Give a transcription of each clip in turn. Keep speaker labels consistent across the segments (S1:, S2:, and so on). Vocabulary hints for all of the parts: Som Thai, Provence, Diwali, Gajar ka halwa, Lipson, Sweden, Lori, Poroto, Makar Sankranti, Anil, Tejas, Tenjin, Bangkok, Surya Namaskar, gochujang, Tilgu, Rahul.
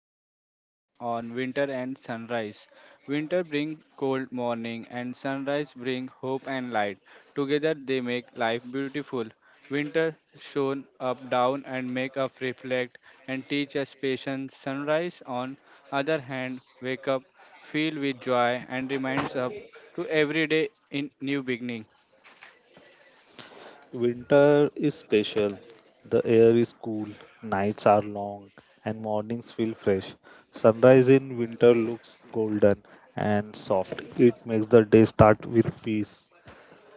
S1: to our podcast on winter and sunrise. Winter bring cold morning and sunrise bring hope and light. Together they make life beautiful. Winter shone up down and make us reflect and teach us patience. Sunrise on other hand wake up, feel with joy and reminds up to every day in new beginning.
S2: Winter is special. The air is cool, nights are long, and mornings feel fresh. Sunrise in winter looks golden and soft. It makes the day start with peace.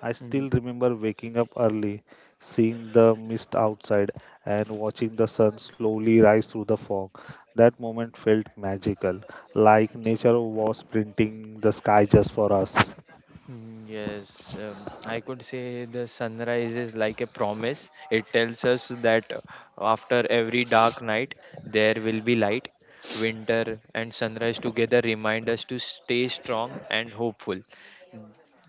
S2: I still
S3: Mm,
S2: remember waking up early, seeing the mist outside, and watching the sun slowly rise through the fog. That moment felt magical, like nature was printing the sky just for us.
S3: Yes, I could say the sunrise is like a promise. It tells us that after every dark night, there will be light. Winter and sunrise together remind us to stay strong and hopeful.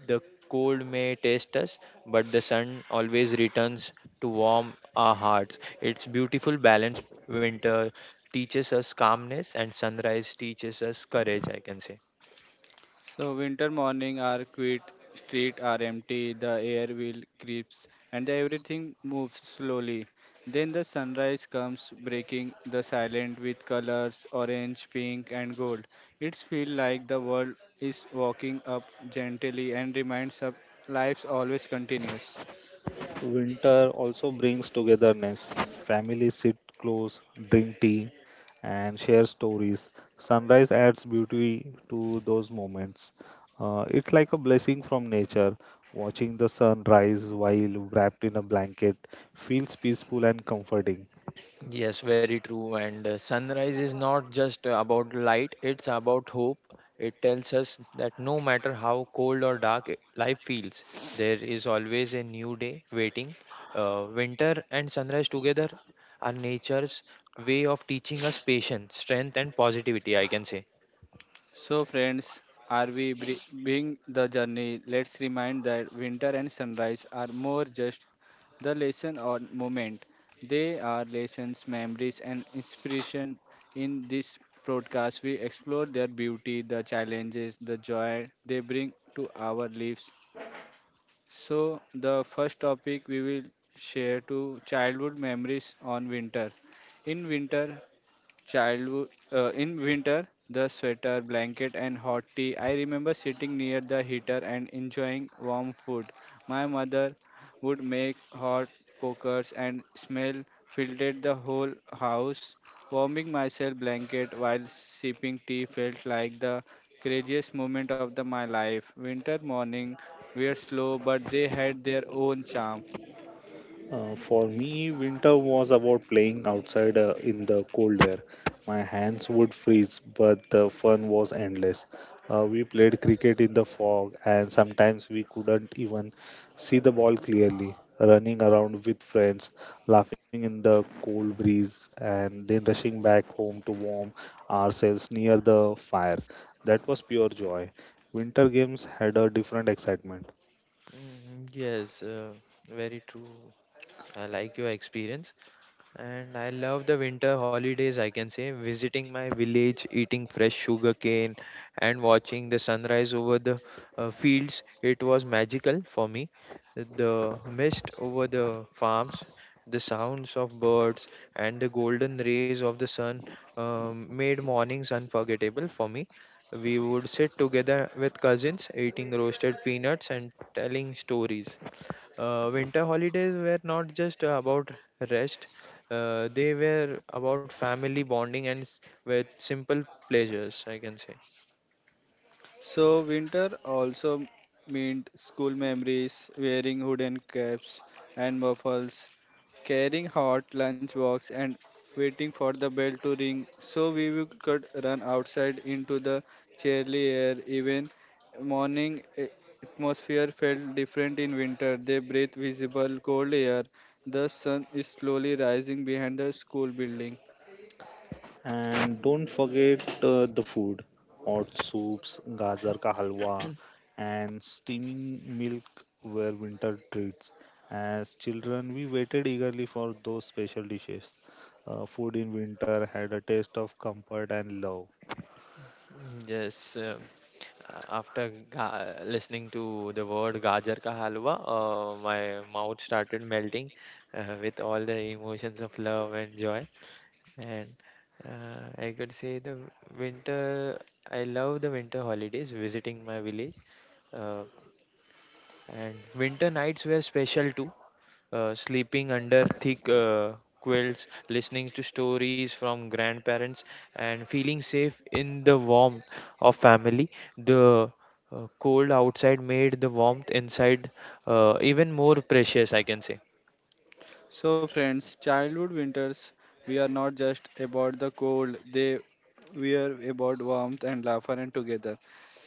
S3: The cold may test us, but the sun always returns to warm our hearts. It's beautiful balance. Winter teaches us calmness, and sunrise teaches us courage, I can say.
S1: So winter morning are quiet, street are empty, the air will creeps and everything moves slowly. Then the sunrise comes breaking the silence with colors orange, pink and gold. It's feel like the world is walking up gently and reminds us life always continues.
S2: Winter also brings togetherness. Families sit close, drink tea, and share stories. Sunrise adds beauty to those moments. It's like a blessing from nature. Watching the sun rise while wrapped in a blanket feels peaceful and comforting.
S3: Yes, very true. And sunrise is not just about light, it's about hope. It tells us that no matter how cold or dark life feels, there is always a new day waiting. Winter and sunrise together are nature's way of teaching us patience, strength, and positivity, I can say.
S1: So, friends, are we being the journey? Let's remind that winter and sunrise are more just the lesson or moment. They are lessons, memories, and inspiration. In this broadcast, we explore their beauty, the challenges, the joy they bring to our lives. So, the first topic we will share to childhood memories on winter. In winter, childhood in winter, the sweater, blanket, and hot tea. I remember sitting near the heater and enjoying warm food. My mother would make hot pokers and smell filled the whole house. Warming myself blanket while sipping tea felt like the craziest moment of my life. Winter morning were slow, but they had their own charm.
S2: For me, winter was about playing outside in the cold air. My hands would freeze, but the fun was endless. We played cricket in the fog, and sometimes we couldn't even see the ball clearly. Running around with friends, laughing in the cold breeze, and then rushing back home to warm ourselves near the fire. That was pure joy. Winter games had a different excitement.
S3: Mm, yes, very true. I like your experience. And I love the winter holidays, I can say, visiting my village, eating fresh sugar cane, and watching the sunrise over the fields. It was magical for me. The mist over the farms, the sounds of birds, and the golden rays of the sun made mornings unforgettable for me. We would sit together with cousins, eating roasted peanuts and telling stories. Winter holidays were not just about rest, they were about family bonding and with simple pleasures, I can say.
S1: So winter also meant school memories, wearing wooden caps and muffles, carrying hot lunchbox and waiting for the bell to ring so could run outside into the chilly air. Even morning a- atmosphere felt different in winter. They breathed visible cold air. The sun is slowly rising behind the school building.
S2: And don't forget the food hot soups, gajar ka halwa, and steaming milk were winter treats. As children, we waited eagerly for those special dishes. Food in winter had a taste of comfort and love.
S3: Yes, after listening to the word Gajar ka halwa, my mouth started melting with all the emotions of love and joy. And I could say the winter, I love the winter holidays, visiting my village. uh, And winter nights were special too. Sleeping under thick quilts, listening to stories from grandparents, and feeling safe in the warmth of family. The cold outside made the warmth inside even more precious, I can say.
S1: So, friends, childhood winters, we are not just about the cold, they we are about warmth and laughter and together.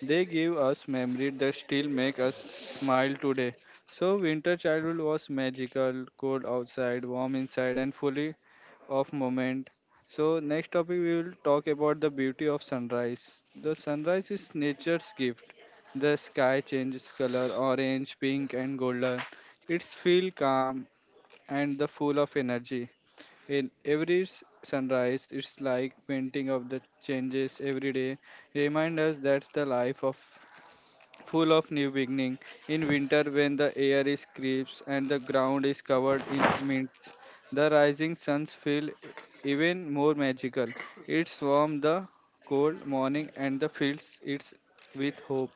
S1: They give us memories that still make us smile today. So, winter childhood was magical, cold outside, warm inside, and fully of moment. So, next topic we will talk about the beauty of sunrise. The sunrise is nature's gift. The sky changes color orange, pink, and golden. It's feel calm and the full of energy. In every sunrise, it's like painting of the changes every day. Remind us that's the life of full of new beginning. In winter, when the air is crisp and the ground is covered in mints, the rising suns feel even more magical. It's warm the cold morning and the fields it's with hope.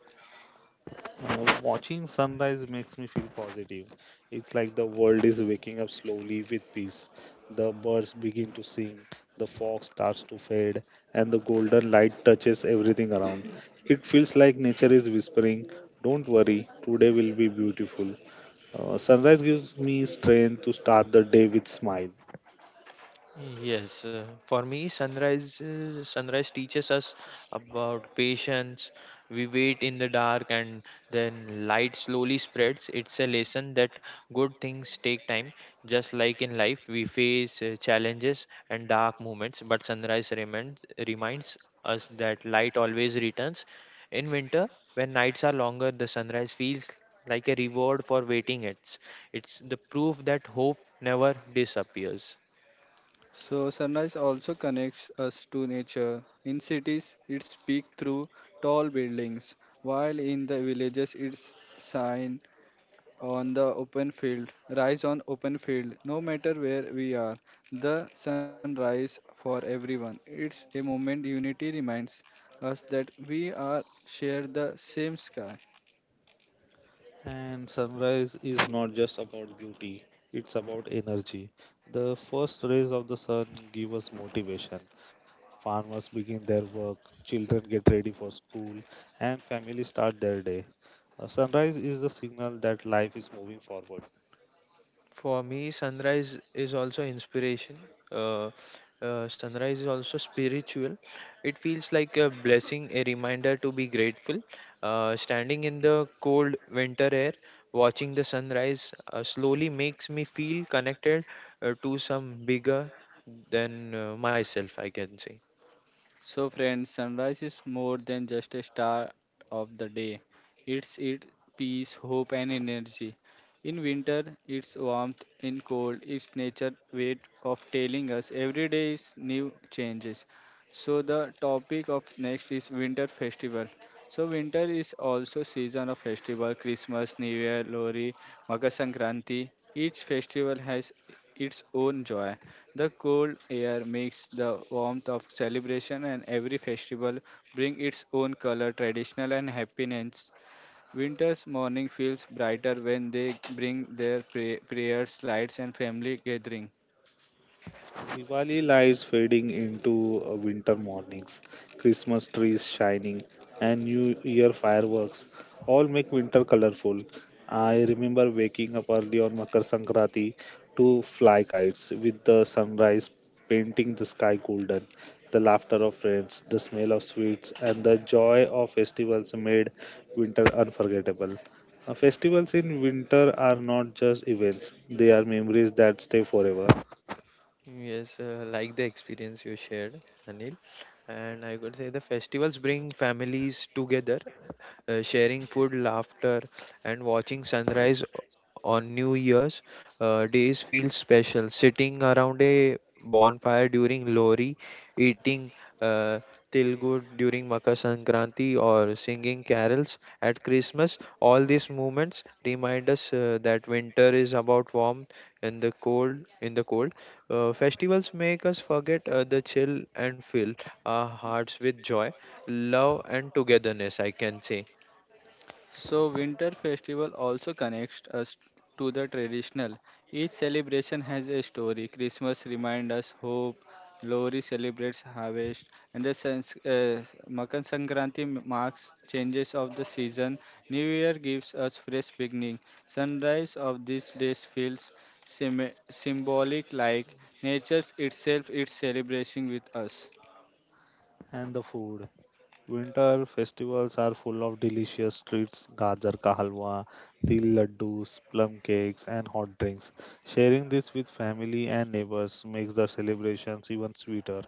S2: Watching sunrise makes me feel positive. It's like the world is waking up slowly with peace. The birds begin to sing, the fog starts to fade, and the golden light touches everything around. It feels like nature is whispering, "Don't worry, today will be beautiful." Sunrise gives me strength to start the day with smile.
S3: Yes, for me, sunrise teaches us about patience. We wait in the dark, and then light slowly spreads. It's a lesson that good things take time. Just like in life, we face challenges and dark moments, but sunrise reminds us that light always returns. In winter, when nights are longer, the sunrise feels like a reward for waiting. It's the proof that hope never disappears.
S1: So sunrise also connects us to nature. In cities, it's peak through tall buildings, while in the villages, it's shine on the open field, rise on open field. No matter where we are, the sunrise for everyone. It's a moment unity reminds us that we are share the same sky.
S2: And sunrise is not just about beauty, it's about energy. The first rays of the sun give us motivation. Farmers begin their work, children get ready for school, and families start their day. A sunrise is the signal that life is moving forward.
S3: For me, sunrise is also inspiration. Uh, Sunrise is also spiritual. It feels like a blessing, a reminder to be grateful. Standing in the cold winter air, watching the sunrise slowly makes me feel connected to some bigger than myself, I can say.
S1: So, friends, sunrise is more than just a start of the day. It peace, hope, and energy. In winter, it's warmth. In cold, it's nature' way of telling us every day is new changes. So, the topic of next is winter festival. So, winter is also season of festival: Christmas, New Year, Lori, Makar Sankranti. Each festival has its own joy. The cold air makes the warmth of celebration and every festival bring its own color, traditional and happiness. Winter's morning feels brighter when they bring their prayers, lights and family gathering.
S2: Diwali lights fading into winter mornings, Christmas trees shining, and New Year fireworks all make winter colorful. I remember waking up early on Makar Sankranti to fly kites with the sunrise painting the sky golden. The laughter of friends, the smell of sweets, and the joy of festivals made winter unforgettable. Festivals in winter are not just events, they are memories that stay forever.
S3: Yes, like the experience you shared, Anil. And I could say the festivals bring families together sharing food, laughter, and watching sunrise on New Year's days feels special. Sitting around a bonfire during Lori, eating uh, Tilgu during Makar Sankranti, or singing carols at Christmas, all these moments remind us that winter is about warmth and the cold. In the cold, festivals make us forget the chill and fill our hearts with joy, love, and togetherness. I can say.
S1: So winter festival also connects us to the traditional. Each celebration has a story. Christmas reminds us hope, Lori celebrates harvest, and the Makar Sankranti marks changes of the season. New Year gives us fresh beginning. Sunrise of these days feels symbolic, like nature itself is celebrating with us.
S2: And the food. Winter festivals are full of delicious treats, gajar ka halwa, til laddus, plum cakes, and hot drinks. Sharing this with family and neighbors makes the celebrations even sweeter.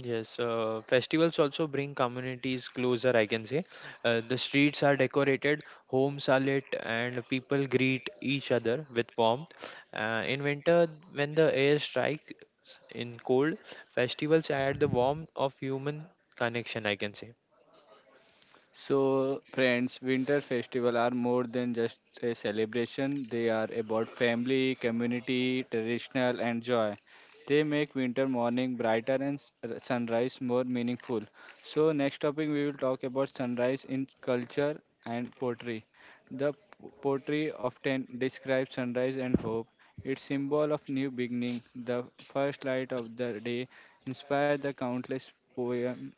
S3: Yes, festivals also bring communities closer, I can say. The streets are decorated, homes are lit, and people greet each other with warmth. In winter, when the air strikes in cold, festivals add the warmth of human connection, I can say.
S1: So, friends, winter festival are more than just a celebration. They are about family, community, traditional, and joy. They make winter morning brighter and sunrise more meaningful. So, next topic we will talk about sunrise in culture and poetry. The poetry often describes sunrise and hope. Its symbol of new beginning, the first light of the day, inspired the countless poems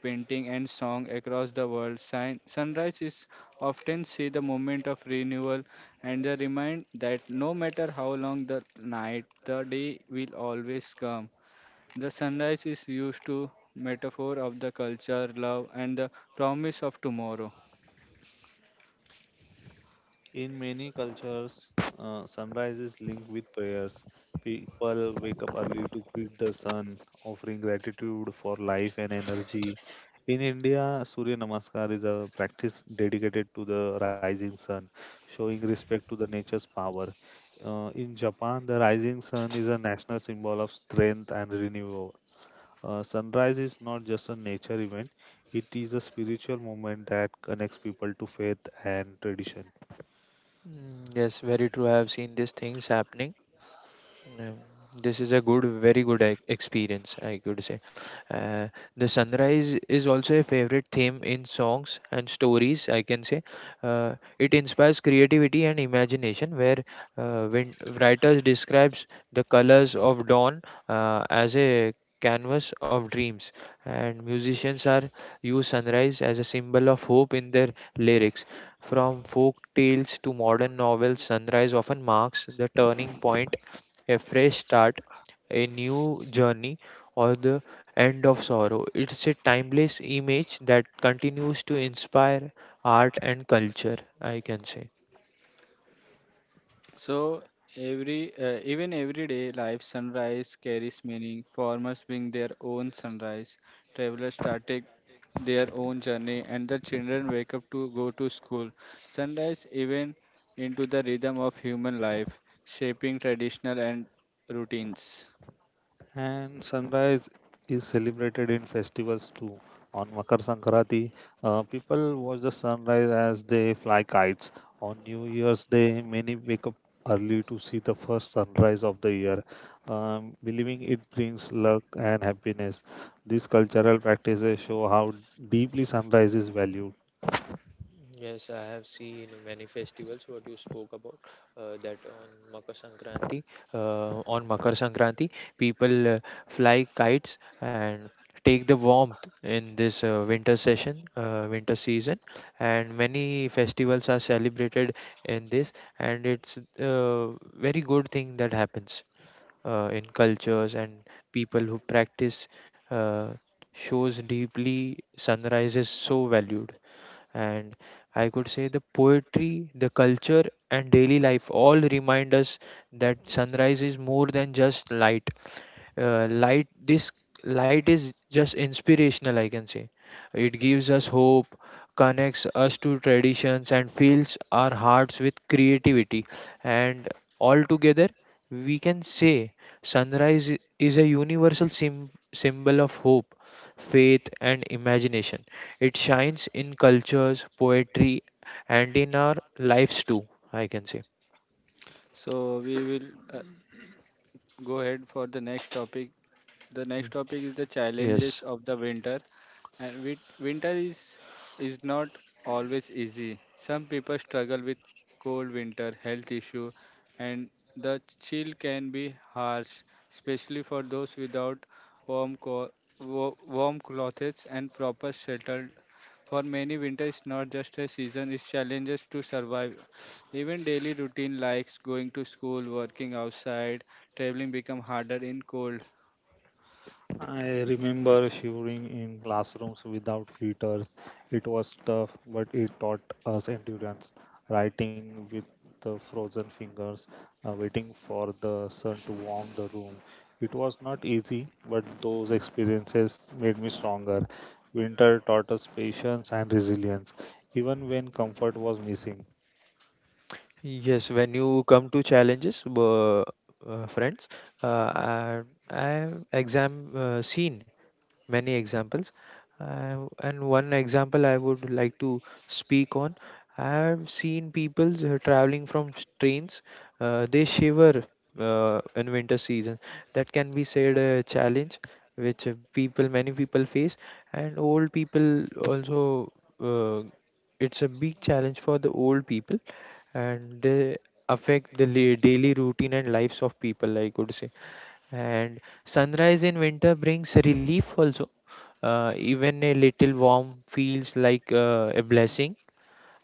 S1: painting, and song across the world. Sunrise is often see the moment of renewal and the remind that no matter how long the night, the day will always come. The sunrise is used to metaphor of the culture, love, and the promise of tomorrow.
S2: In many cultures, sunrise is linked with prayers. People wake up early to greet the sun, offering gratitude for life and energy. In India, Surya Namaskar is a practice dedicated to the rising sun, showing respect to the nature's power. In Japan, the rising sun is a national symbol of strength and renewal. Sunrise is not just a nature event, it is a spiritual moment that connects people to faith and tradition.
S3: Mm, yes, very true. I have seen these things happening. Yeah, this is a good, very good experience, I could say. Uh, the sunrise is also a favorite theme in songs and stories, I can say. It inspires creativity and imagination, where when writers describes the colors of dawn as a canvas of dreams, and musicians are use sunrise as a symbol of hope in their lyrics. From folk tales to modern novels, sunrise often marks the turning point a fresh start, a new journey, or the end of sorrow. It's a timeless image that continues to inspire art and culture, I can say.
S1: So every even everyday life sunrise carries meaning. Farmers bring their own sunrise, travelers started their own journey, and the children wake up to go to school. Sunrise even into the rhythm of human life, shaping traditional and routines.
S2: And sunrise is celebrated in festivals too. On Makar Sankranti, people watch the sunrise as they fly kites. On New Year's Day, many wake up early to see the first sunrise of the year, believing it brings luck and happiness. These cultural practices show how deeply sunrise is valued.
S3: Yes, I have seen many festivals what you spoke about that on Makar Sankranti people fly kites and take the warmth in this winter session winter season and many festivals are celebrated in this, and it's a very good thing that happens in cultures, and people who practice uh, shows deeply sunrise is so valued. And I could say the poetry, the culture, and daily life all remind us that sunrise is more than just light, light this light is just inspirational, I can say. It gives us hope, connects us to traditions, and fills our hearts with creativity. And altogether, we can say sunrise is a universal symbol of hope, faith, and imagination. It shines in cultures, poetry, and in our lives too, I can say.
S1: So we will uh, go ahead for the next topic. The next
S3: Mm.
S1: topic is the
S3: Yes,
S1: challenges of the winter. And winter is not always easy. Some people struggle with cold winter, health issue, and the chill can be harsh, especially for those without warm co- wa- warm clothes and proper shelter. For many, winter is not just a season; it's challenges to survive. Even daily routine, like going to school, working outside, traveling, become harder in cold.
S2: I remember shivering in classrooms without heaters. It was tough, but it taught us endurance. Writing with the frozen fingers, waiting for the sun to warm the room. It was not easy, but those experiences made me stronger. Winter taught us patience and resilience, even when comfort was missing.
S3: yes. When you come to challenges, friends, uh, I I have exam seen many examples. And one example I would like to speak on, I have seen people traveling from trains, they shiver in winter season. That can be said a challenge which many people face, and old people also. Uh, it's a big challenge for the old people, and they affect the daily routine and lives of people. I could say, and sunrise in winter brings relief also. Even a little warm feels like a blessing.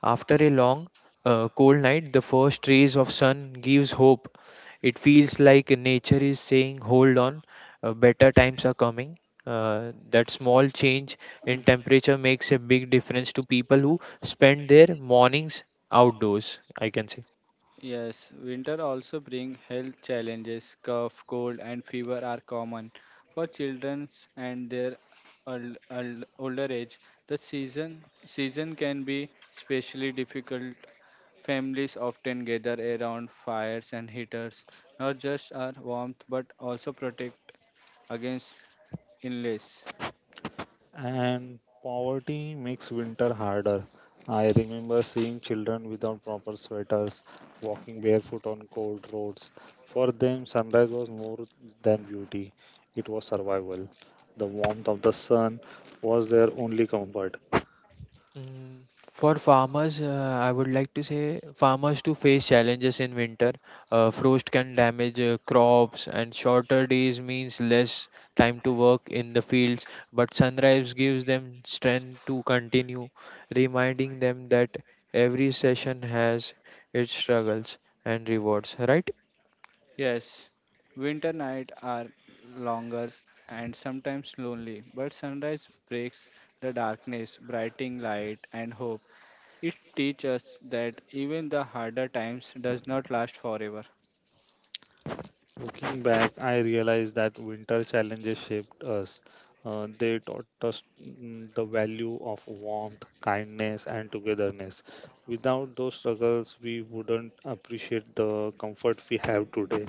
S3: After a long, cold night, the first rays of sun gives hope. It feels like nature is saying, "Hold on, better times are coming." That small change in temperature makes a big difference to people who spend their mornings outdoors. I can say.
S1: Yes, winter also bring health challenges. Cough, cold, and fever are common for children and their older age. The season can be especially difficult. Families often gather around fires and heaters, not just our warmth but also protect against illness.
S2: And poverty makes winter harder. I remember seeing children without proper sweaters, walking barefoot on cold roads. For them, sunrise was more than beauty, it was survival. The warmth of the sun was their only comfort.
S3: Mm. For farmers, I would like to say farmers to face challenges in winter. Frost can damage crops, and shorter days means less time to work in the fields. But sunrise gives them strength to continue, reminding them that every session has its struggles and rewards. Right?
S1: Yes, winter nights are longer and sometimes lonely, but sunrise breaks the darkness, brightening light and hope. It teaches us that even the harder times does not last forever.
S2: Looking back, I realized that winter challenges shaped us. They taught us the value of warmth, kindness, and togetherness. Without those struggles, we wouldn't appreciate the comfort we have today.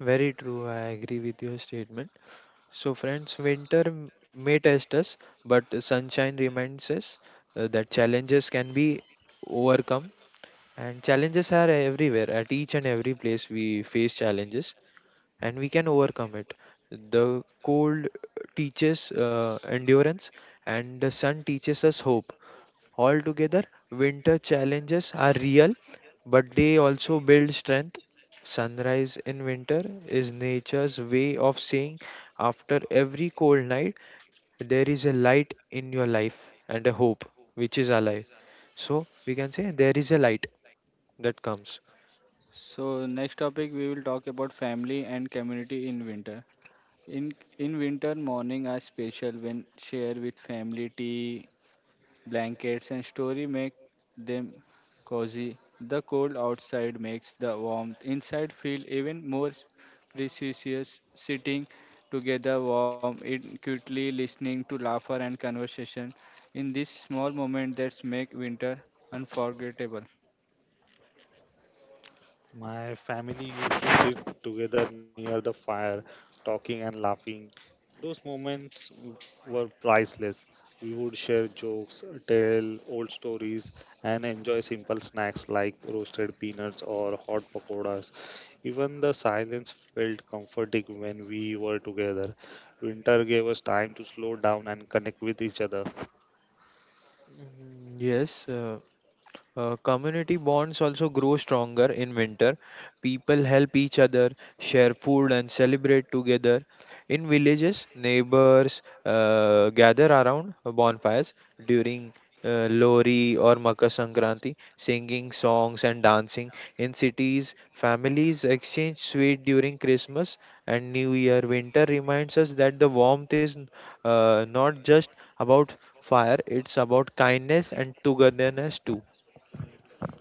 S3: Very true. I agree with your statement. So, friends, winter may test us, but sunshine reminds us that challenges can be overcome. And challenges are everywhere. At each and every place, we face challenges, and we can overcome it. The cold teaches endurance, and the sun teaches us hope. Altogether, winter challenges are real, but they also build strength. Sunrise in winter is nature's way of saying, after every cold night, there is a light in your life and a hope which is alive. So, we can say there is a light that comes.
S1: So next topic we will talk about family and community in winter. In winter morning are special when share with family tea Blankets and story make them cozy. The cold outside makes the warmth inside feel even more precious. Sitting together warm, it cutely listening to laughter and conversation in this small moment that make winter unforgettable.
S2: My family used to sit together near the fire, talking and laughing. Those moments were priceless. We would share jokes, tell old stories, and enjoy simple snacks like roasted peanuts or hot pakoras. Even the silence felt comforting when we were together. Winter gave us time to slow down and connect with each other.
S3: Mm, yes, community bonds also grow stronger in winter. People help each other, share food, and celebrate together. In villages, neighbors gather around bonfires during Lori or Makar Sankranti, singing songs and dancing. In cities, families exchange sweet during Christmas and New Year. Winter reminds us that the warmth is not just about fire, it's about kindness and togetherness too.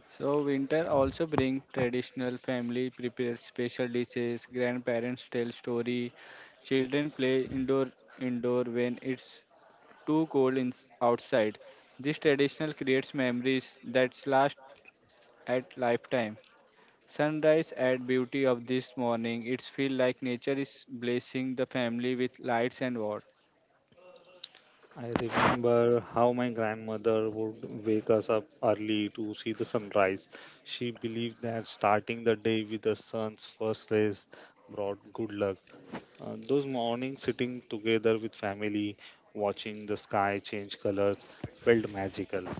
S1: So winter also bring traditional family prepare special dishes, grandparents tell story, children play indoor when it's too cold in, outside. This traditional creates memories that last at lifetime. Sunrise add beauty of this morning. It feels like nature is blessing the family with lights and warmth.
S2: I remember how my grandmother would wake us up early to see the sunrise. She believed that starting the day with the sun's first rays brought good luck. Those mornings sitting together with family, watching the sky change colors, felt magical.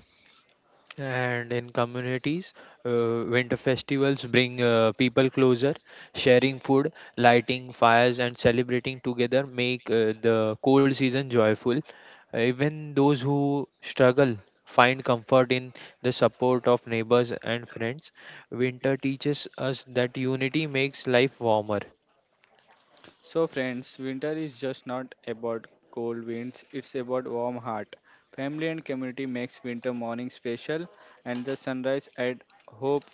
S3: And in communities, winter festivals bring people closer, sharing food, lighting fires, and celebrating together make the cold season joyful. Even those who struggle find comfort in the support of neighbors and friends. Winter teaches us that unity makes life warmer.
S1: So, friends, winter is just not about cold winds, it's about warm heart. Family and community makes winter morning special and the sunrise add hope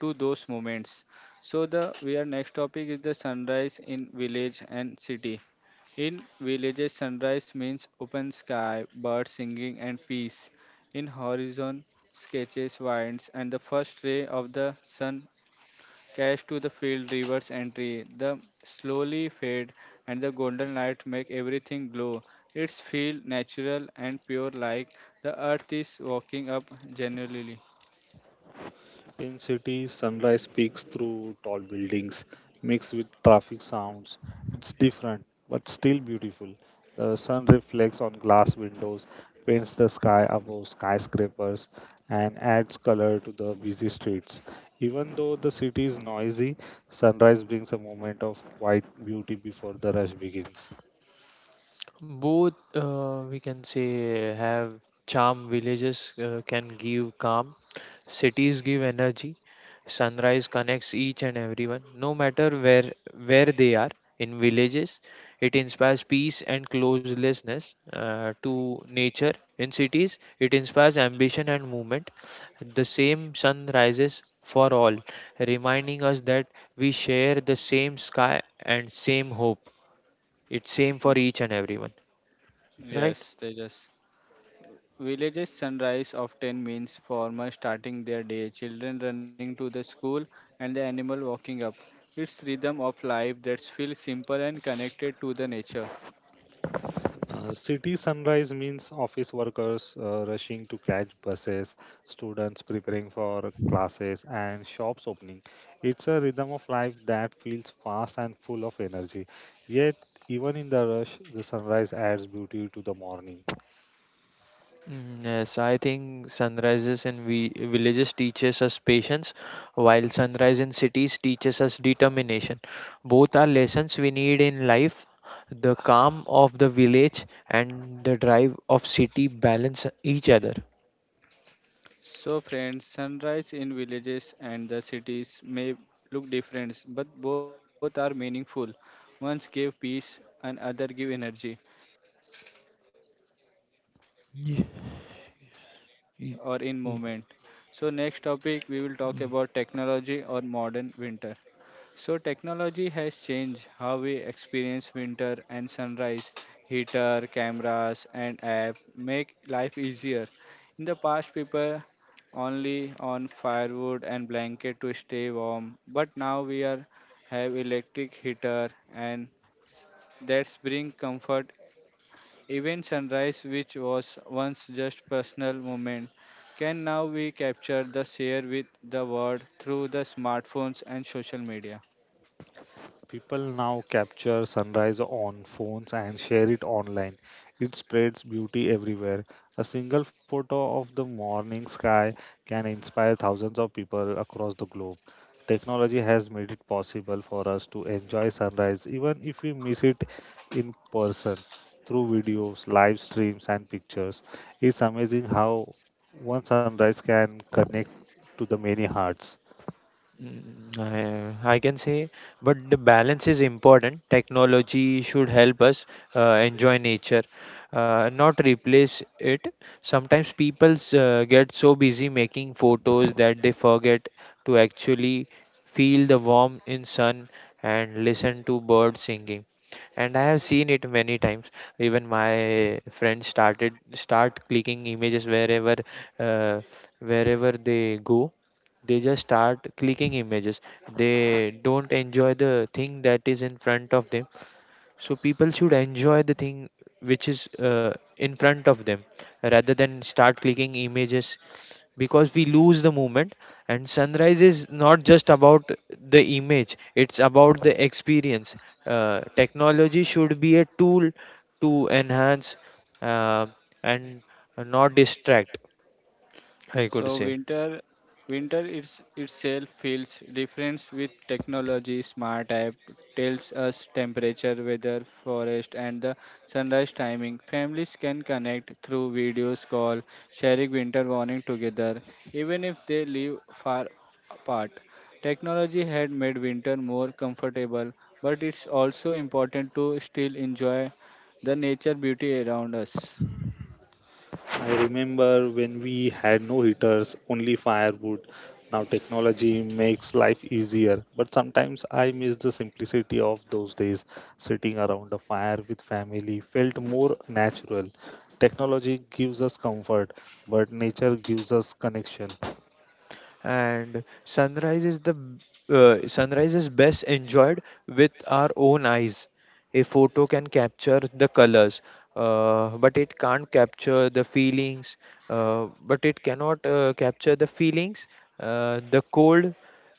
S1: to those moments. So the we are next topic is the sunrise in village and city. In villages, sunrise means open sky, birds singing, and peace. In horizon, sketches, winds, and the first ray of the sun cash to the field, reverse entry. The slowly fade and the golden light make everything glow. It's feel natural and pure like the earth is waking up genuinely.
S2: In cities, sunrise peeks through tall buildings, mixed with traffic sounds. It's different, but still beautiful. The sun reflects on glass windows, paints the sky above skyscrapers, and adds color to the busy streets. Even though the city is noisy, sunrise brings a moment of quiet beauty before the rush begins.
S3: Both, we can say, have charm. Villages can give calm, cities give energy. Sunrise connects each and everyone, no matter where they are. In villages, it inspires peace and closelessness to nature. In cities, it inspires ambition and movement. The same sun rises for all, reminding us that we share the same sky and same hope. It's same for each and everyone, right?
S1: Yes, Tejas. Villages sunrise often means farmers starting their day, children running to the school, and the animal walking up. It's rhythm of life that feels simple and connected to the nature.
S2: City sunrise means office workers rushing to catch buses, students preparing for classes, and shops opening. It's a rhythm of life that feels fast and full of energy. Yet, even in the rush, the sunrise adds beauty to the morning.
S3: Mm, yes, I think sunrises in villages teaches us patience, while sunrise in cities teaches us determination. Both are lessons we need in life. The calm of the village and the drive of city balance each other.
S1: So, friends, sunrise in villages and the cities may look different, but both are meaningful. Ones give peace and other give energy. Together they slow their beauty exists
S3: Ye-
S1: everywhere, whether it's silent
S3: ye-
S1: or in
S3: ye-
S1: movement. So next topic we will talk about technology or modern winter. So, technology has changed how we experience winter and sunrise. Heater, cameras, and app make life easier. In the past, people only on firewood and blanket to stay warm, but now we are have electric heater and s- that's bring comfort. Even sunrise, which was once just personal moment, can now be captured the share with the world through the smartphones and social media.
S2: People now capture sunrise on phones and share it online. It spreads beauty everywhere. A single photo of the morning sky can inspire thousands of people across the globe. Technology has made it possible for us to enjoy sunrise even if we miss it in person through videos, live streams, and pictures. It's amazing how one sunrise can connect to the many hearts.
S3: Mm, I can say, but the balance is important. Technology should help us enjoy nature, not replace it. Sometimes people get so busy making photos that they forget to actually feel the warmth in sun and listen to birds singing. And I have seen it many times. Even my friends start clicking images wherever uh, wherever they go, they just start clicking images. They don't enjoy the thing that is in front of them, so people should enjoy the thing which is in front of them rather than start clicking images, because we lose the moment. And sunrise is not just about the image, it's about the experience. Technology should be a tool to enhance uh, and not distract, I
S1: So
S3: could say.
S1: winter it's, itself feels different with technology. Smart app tells us temperature, weather, forest and the sunrise timing. Families can connect through videos call, sharing winter warning together, even if they live far apart. Technology had made winter more comfortable, but it's also important to still enjoy the nature beauty around us.
S2: I remember when we had no heaters, only firewood. Now technology makes life easier, but sometimes I miss the simplicity of those days. Sitting around a fire with family felt more natural. Technology gives us comfort, but nature gives us connection.
S3: And sunrise is best enjoyed with our own eyes. A photo can capture the colors, but it can't capture the feelings, but it cannot capture the feelings the cold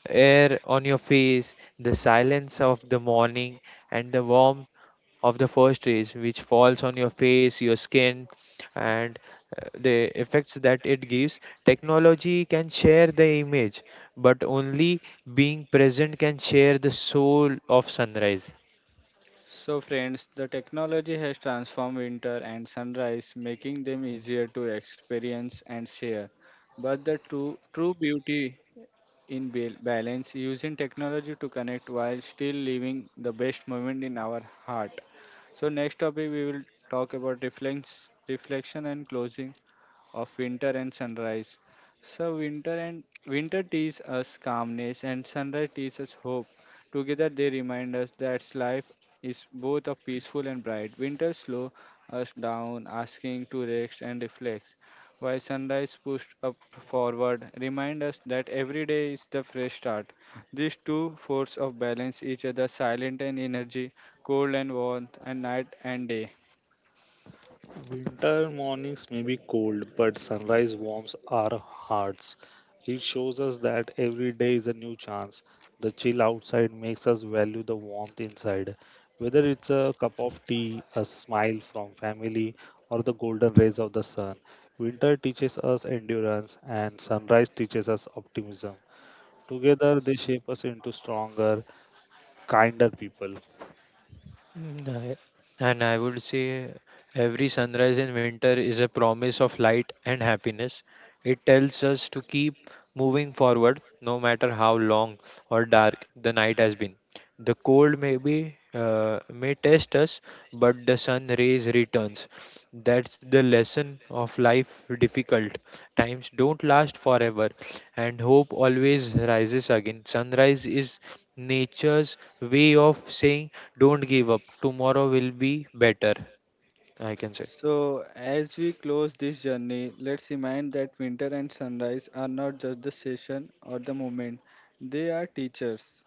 S3: air on your face, the silence of the morning, and the warmth of the first rays which falls on your face, your skin, and the effects that it gives. Technology can share the image, but only being present can share the soul of sunrise.
S1: So, friends, the technology has transformed winter and sunrise, making them easier to experience and share. But the true beauty in balance, using technology to connect while still living the best moment in our heart. So, next topic we will talk about reflections, reflection and closing of winter and sunrise. So winter teaches us calmness and sunrise teaches us hope. Together they remind us that life is both a peaceful and bright. Winter slow us down, asking to rest and reflect, while sunrise pushed up forward remind us that every day is the fresh start. These two forces of balance each other, silent and energy, cold and warmth, and night and day.
S2: Winter mornings may be cold, but sunrise warms our hearts. It shows us that every day is a new chance. The chill outside makes us value the warmth inside. Whether it's a cup of tea, a smile from family, or the golden rays of the sun, winter teaches us endurance and sunrise teaches us optimism. Together, they shape us into stronger, kinder people.
S3: Mm, I- And I would say every sunrise in winter is a promise of light and happiness. It tells us to keep moving forward no matter how long or dark the night has been. The cold may test us, but the sun rays returns. That's the lesson of life. Difficult times don't last forever, and hope always rises again. Sunrise is nature's way of saying don't give up, tomorrow will be better, I can say.
S1: So, as we close this journey, let's remind that winter and sunrise are not just the session or the moment, they are teachers.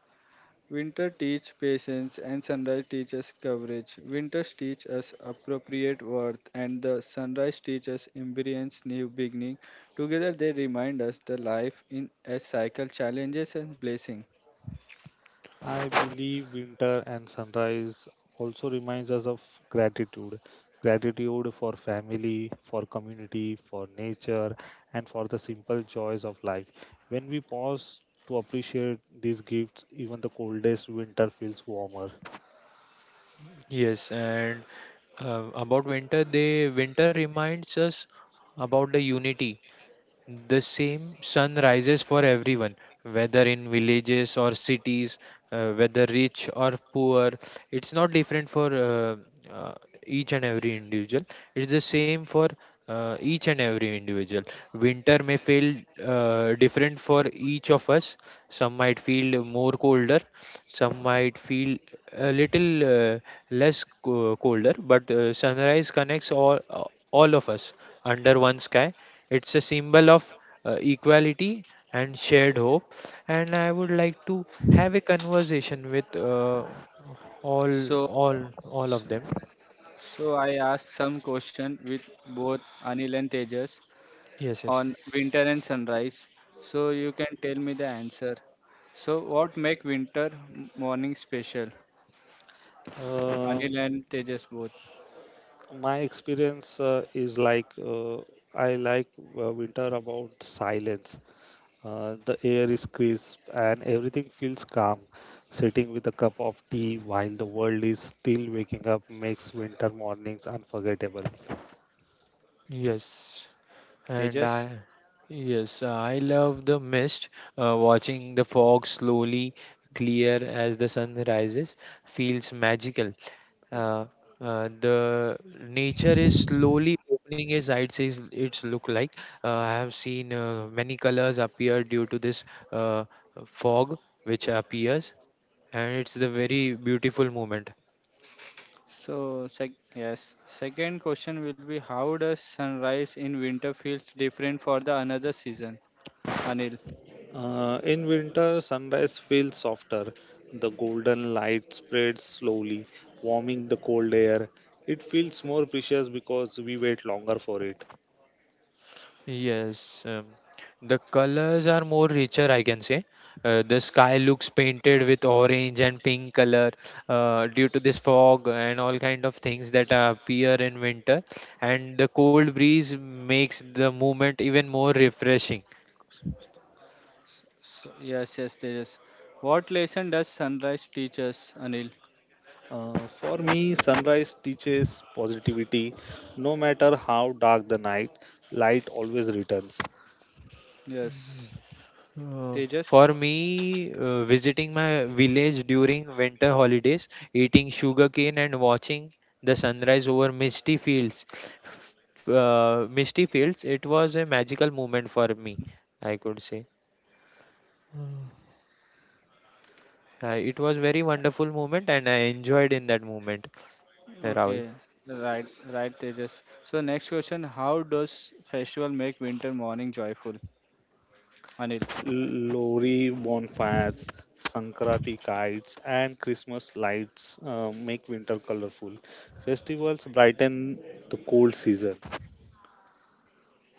S1: Winter teach patience and sunrise teaches coverage. Winters teach us appropriate worth and the sunrise teaches embrace new beginning. Together they remind us the life in a cycle challenges and blessing.
S2: I believe winter and sunrise also reminds us of gratitude. Gratitude for family, for community, for nature, and for the simple joys of life. When we pause to appreciate these gifts, even the coldest winter feels warmer.
S3: Yes, and about winter they winter reminds us about the unity. The same sun rises for everyone, whether in villages or cities, whether rich or poor. It's not different for uh, each and every individual. It's the same for each and every individual. Winter may feel different for each of us. Some might feel more colder, some might feel a little uh, less co- colder, but sunrise connects all of us under one sky. It's a symbol of equality and shared hope. And I would like to have a conversation with uh, all,
S1: So
S3: all, all of them.
S1: I ask some question with both Anil and Tejas
S3: Yes, yes,
S1: on winter and sunrise. So you can tell me the answer. So what make winter morning special?
S2: Uh,
S1: Anil and Tejas both.
S2: my experience is like I like winter about silence. The air is crisp and everything feels calm. Sitting with a cup of tea while the world is still waking up makes winter mornings unforgettable.
S3: yes. And
S1: Tejas.
S3: I, yes, I love the mist, watching the fog slowly clear as the sun rises feels magical. Uh, the nature is slowly opening its eyes. It's look like I have seen many colors appear due to this uh, fog which appears, and it's the very beautiful moment.
S1: So yes. Second question will be how does sunrise in winter feels different for the another season? Anil.
S2: In winter, sunrise feels softer. The golden light spreads slowly, warming the cold air. It feels more precious because we wait longer for it.
S3: Yes, the colors are more richer, I can say. The sky looks painted with orange and pink color due to this fog and all kind of things that appear in winter. And the cold breeze makes the movement even more refreshing.
S1: So yes, yes, Tejas. What lesson does sunrise teach us, Anil?
S2: For me, sunrise teaches positivity. No matter how dark the night, light always returns.
S1: Yes. Tejas.
S3: For me, visiting my village during winter holidays, eating sugarcane and watching the sunrise over misty fields, it was a magical moment for me, I could say. It was very wonderful moment and I enjoyed in that moment. Rahul,
S1: Okay, right, right, Tejas. So next question: How does festival make winter morning joyful? Anil,
S2: Lori bonfires, Sankranti kites, and Christmas lights make winter colorful. Festivals brighten the cold season.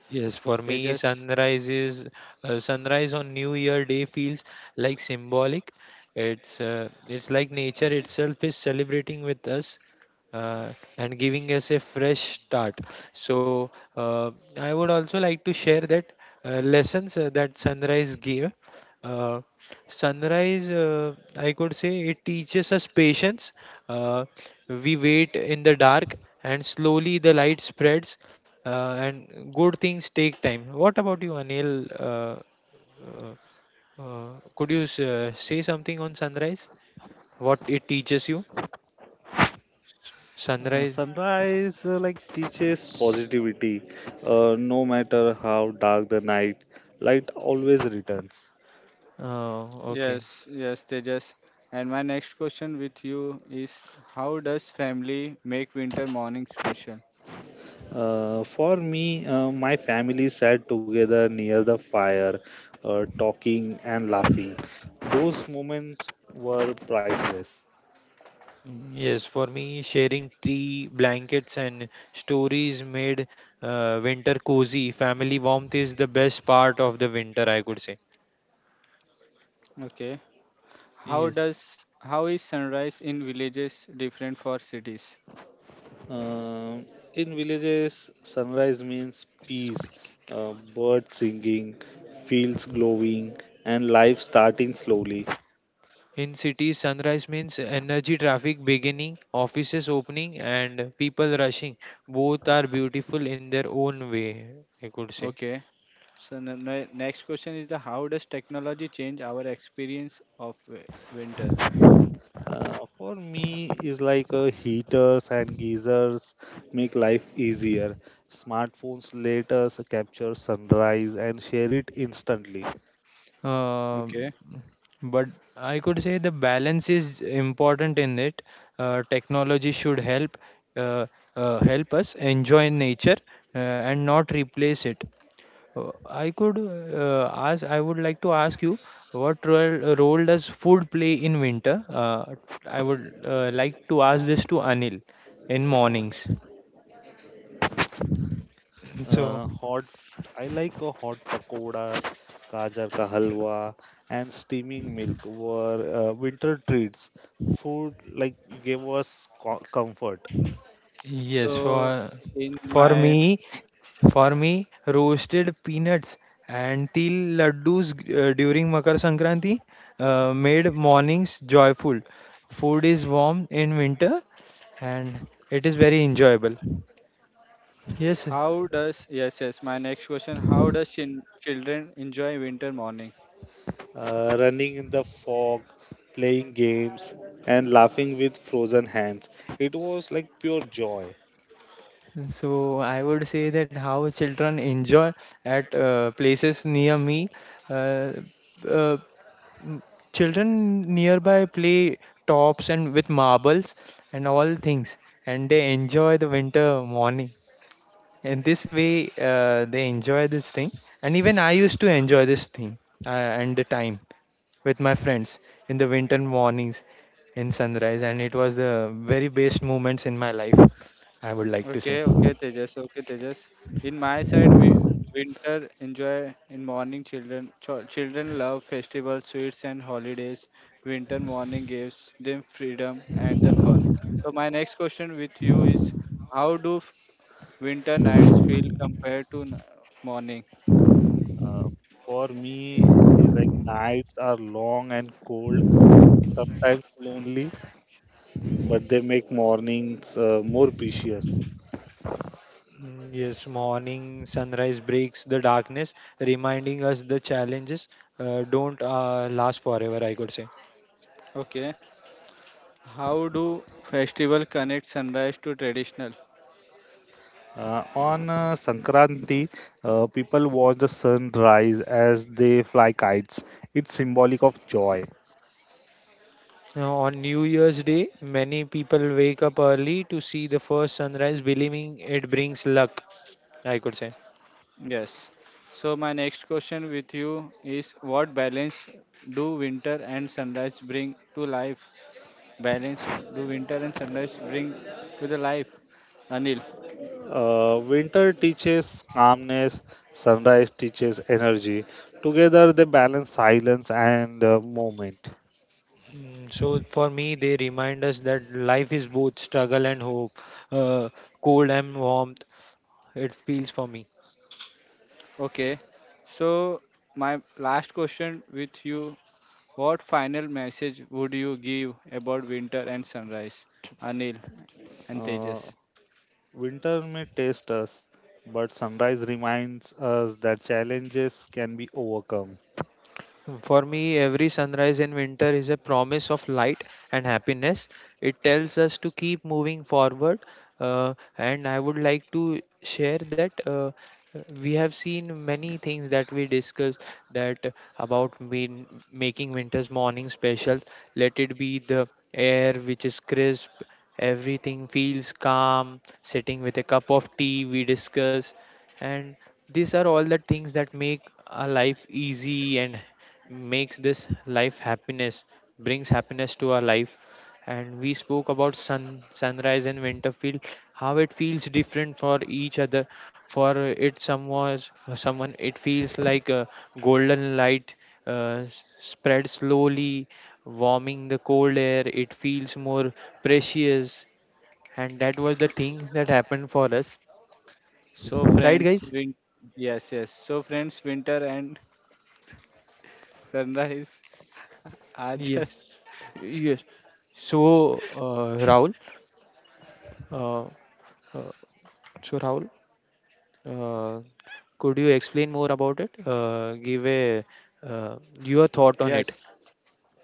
S3: yes, for me,
S1: Tejas.
S3: sunrise on New Year Day feels like symbolic. It's like nature itself is celebrating with us, and giving us a fresh start. So I would also like to share that lessons that sunrise gave. Uh, sunrise, I could say, it teaches us patience. Uh, we wait in the dark, and slowly the light spreads, and good things take time. What about you, Anil? Could you say something on sunrise? What it teaches you?
S2: Uh,
S3: Sunrise.
S2: sunrise uh, like teaches positivity. No matter how dark the night, light always returns.
S3: Uh, okay.
S1: Yes, yes, Tejas. And my next question with you is: How does family make winter morning special?
S2: For me, my family sat together near the fire, talking and laughing. Those moments were priceless.
S3: Yes, for me, sharing tea, blankets, and stories made winter cozy. Family warmth is the best part of the winter, I could say.
S1: Okay. How
S3: Yes.
S1: does how is sunrise in villages different for cities?
S2: Um, in villages, sunrise means peace, birds singing, fields glowing, and life starting slowly.
S3: In cities, sunrise means energy, traffic beginning, offices opening, and people rushing. Both are beautiful in their own way, I could say.
S1: Okay. So the next question is the how does technology change our experience of winter?
S2: For me, is like heaters and geysers make life easier. Smartphones let us capture sunrise and share it instantly.
S3: Um
S1: Okay.
S3: but I could say the balance is important in it. Technology should help uh, help us enjoy nature uh, and not replace it. I would like to ask you what role does food play in winter? I would like to ask this to Anil in mornings. So,
S2: Hot. I like a hot pakoras, gajar ka halwa, and steaming milk were winter treats. Food like gave us comfort.
S3: yes,
S1: So in
S3: for
S1: my
S3: me, for me, roasted peanuts and til laddus during Makar Sankranti made mornings joyful. Food is warm in winter and it is very enjoyable. Yes,
S1: How does yes yes my next question? How does children enjoy winter morning?
S2: Running in the fog, playing games, and laughing with frozen hands. It was like pure joy.
S3: so I would say that how children enjoy at places near me. Uh, uh, m- children nearby play tops and with marbles and all things, and they enjoy the winter morning. And this way, they enjoy this thing. And even I used to enjoy this thing and the time with my friends in the winter mornings in sunrise. And it was the very best moments in my life, I would like to
S1: Okay
S3: say.
S1: okay Tejas okay Tejas. In my side we
S3: Mm,
S1: winter enjoy in morning children children love festivals sweets and holidays winter morning gives them freedom and the fun so my next question with you is how do winter nights feel compared to morning
S2: Uh, for me, it's like nights are long and cold, sometimes lonely, but they make mornings more precious.
S3: Yes, morning sunrise breaks the darkness, reminding us the challenges don't last forever, I could say.
S1: okay how do festival connect sunrise to traditional.
S2: On Sankranti, people watch the sun rise as they fly kites. It's symbolic of joy.
S3: Now, on New Year's Day, many people wake up early to see the first sunrise, believing it brings luck, I could say.
S1: Yes. So my next question with you is what balance do winter and sunrise bring to life? Balance do winter and sunrise bring to the life? Anil.
S2: Winter teaches calmness, sunrise teaches energy. Together, they balance silence and movement.
S3: So, for me, they remind us that life is both struggle and hope, uh, cold and warmth. It feels for me.
S1: Okay. So my last question with you, what final message would you give about winter and sunrise? Anil and
S2: Uh,
S1: Tejas.
S2: winter may test us, but sunrise reminds us that challenges can be overcome.
S3: For me, every sunrise in winter is a promise of light and happiness. It tells us to keep moving forward. And I would like to share that we have seen many things that we discuss, that about making winter's morning special. Let it be the air which is crisp, everything feels calm, sitting with a cup of tea, we discuss, and these are all the things that make a life easy and makes this life happiness, brings happiness to our life. And we spoke about sunrise and winter feel, how it feels different for each other. For it someone, it feels like a golden light uh, spread slowly warming the cold air, it feels more precious. And that was the thing that happened for us,
S1: So
S3: right
S1: friends,
S3: guys?
S1: yes, yes. So friends, winter and sunrise are
S3: Yes,
S1: just
S3: yes. So uh, uh, Rahul, uh, could you explain more about it? Give a uh, your thought on it.
S1: yes.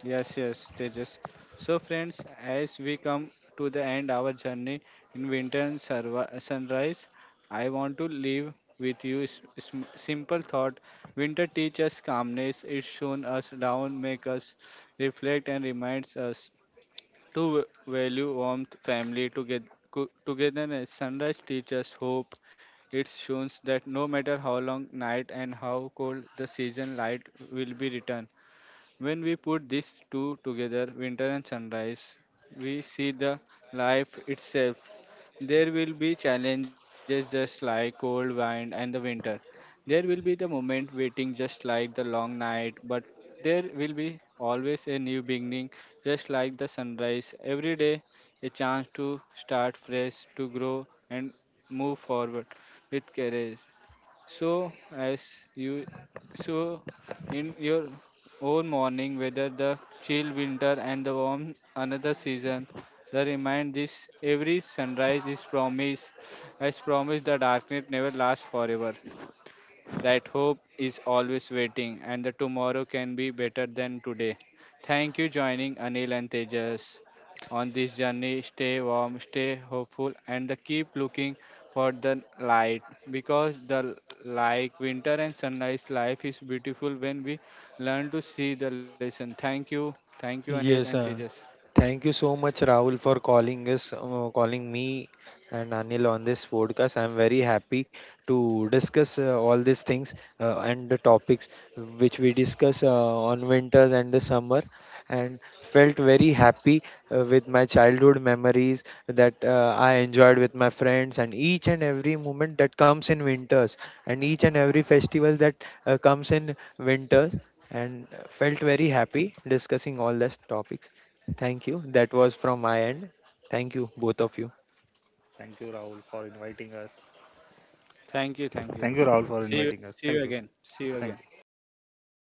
S1: Yes, yes, Tejas. So, friends, as we come to the end our journey in winter and sunrise, I want to leave with you simple thought. Winter teaches us calmness. It shown us down, make us reflect, and reminds us to value warmth, family, together, togetherness. Sunrise teaches us hope. It shows that no matter how long night and how cold the season, light will be returned. When we put these two together, winter and sunrise, we see the life itself. There will be challenges just like cold wind and the winter. There will be the moment waiting just like the long night, but there will be always a new beginning just like the sunrise. Every day, a chance to start fresh, to grow and move forward with courage. So, as you, so in your own morning, whether the chill winter and the warm another season, the remind this every sunrise is promise, as promise the darkness never lasts forever. That hope is always waiting, and the tomorrow can be better than today. Thank you joining Anil and Tejas on this journey. Stay warm, stay hopeful, and the keep looking for the light because the like winter and sunrise life is beautiful when we learn to see the lesson. Thank you, Anil and
S3: Yes,
S1: Tejas.
S3: thank you so much, Rahul, for calling us, calling me and Anil on this podcast. I'm very happy to discuss all these things and the topics which we discuss on winters and the summer. And felt very happy with my childhood memories that I enjoyed with my friends and each and every moment that comes in winters and each and every festival that comes in winters and felt very happy discussing all these topics. Thank you. That was from my end. Thank you, both of you.
S2: Thank you, Rahul, for inviting us.
S1: Thank you, thank you.
S2: Thank you, Rahul, for
S1: See you,
S2: inviting us.
S1: see
S2: Thank
S1: you
S2: you.
S1: again. See you
S2: Thank
S1: again.
S2: you.
S3: Thank you.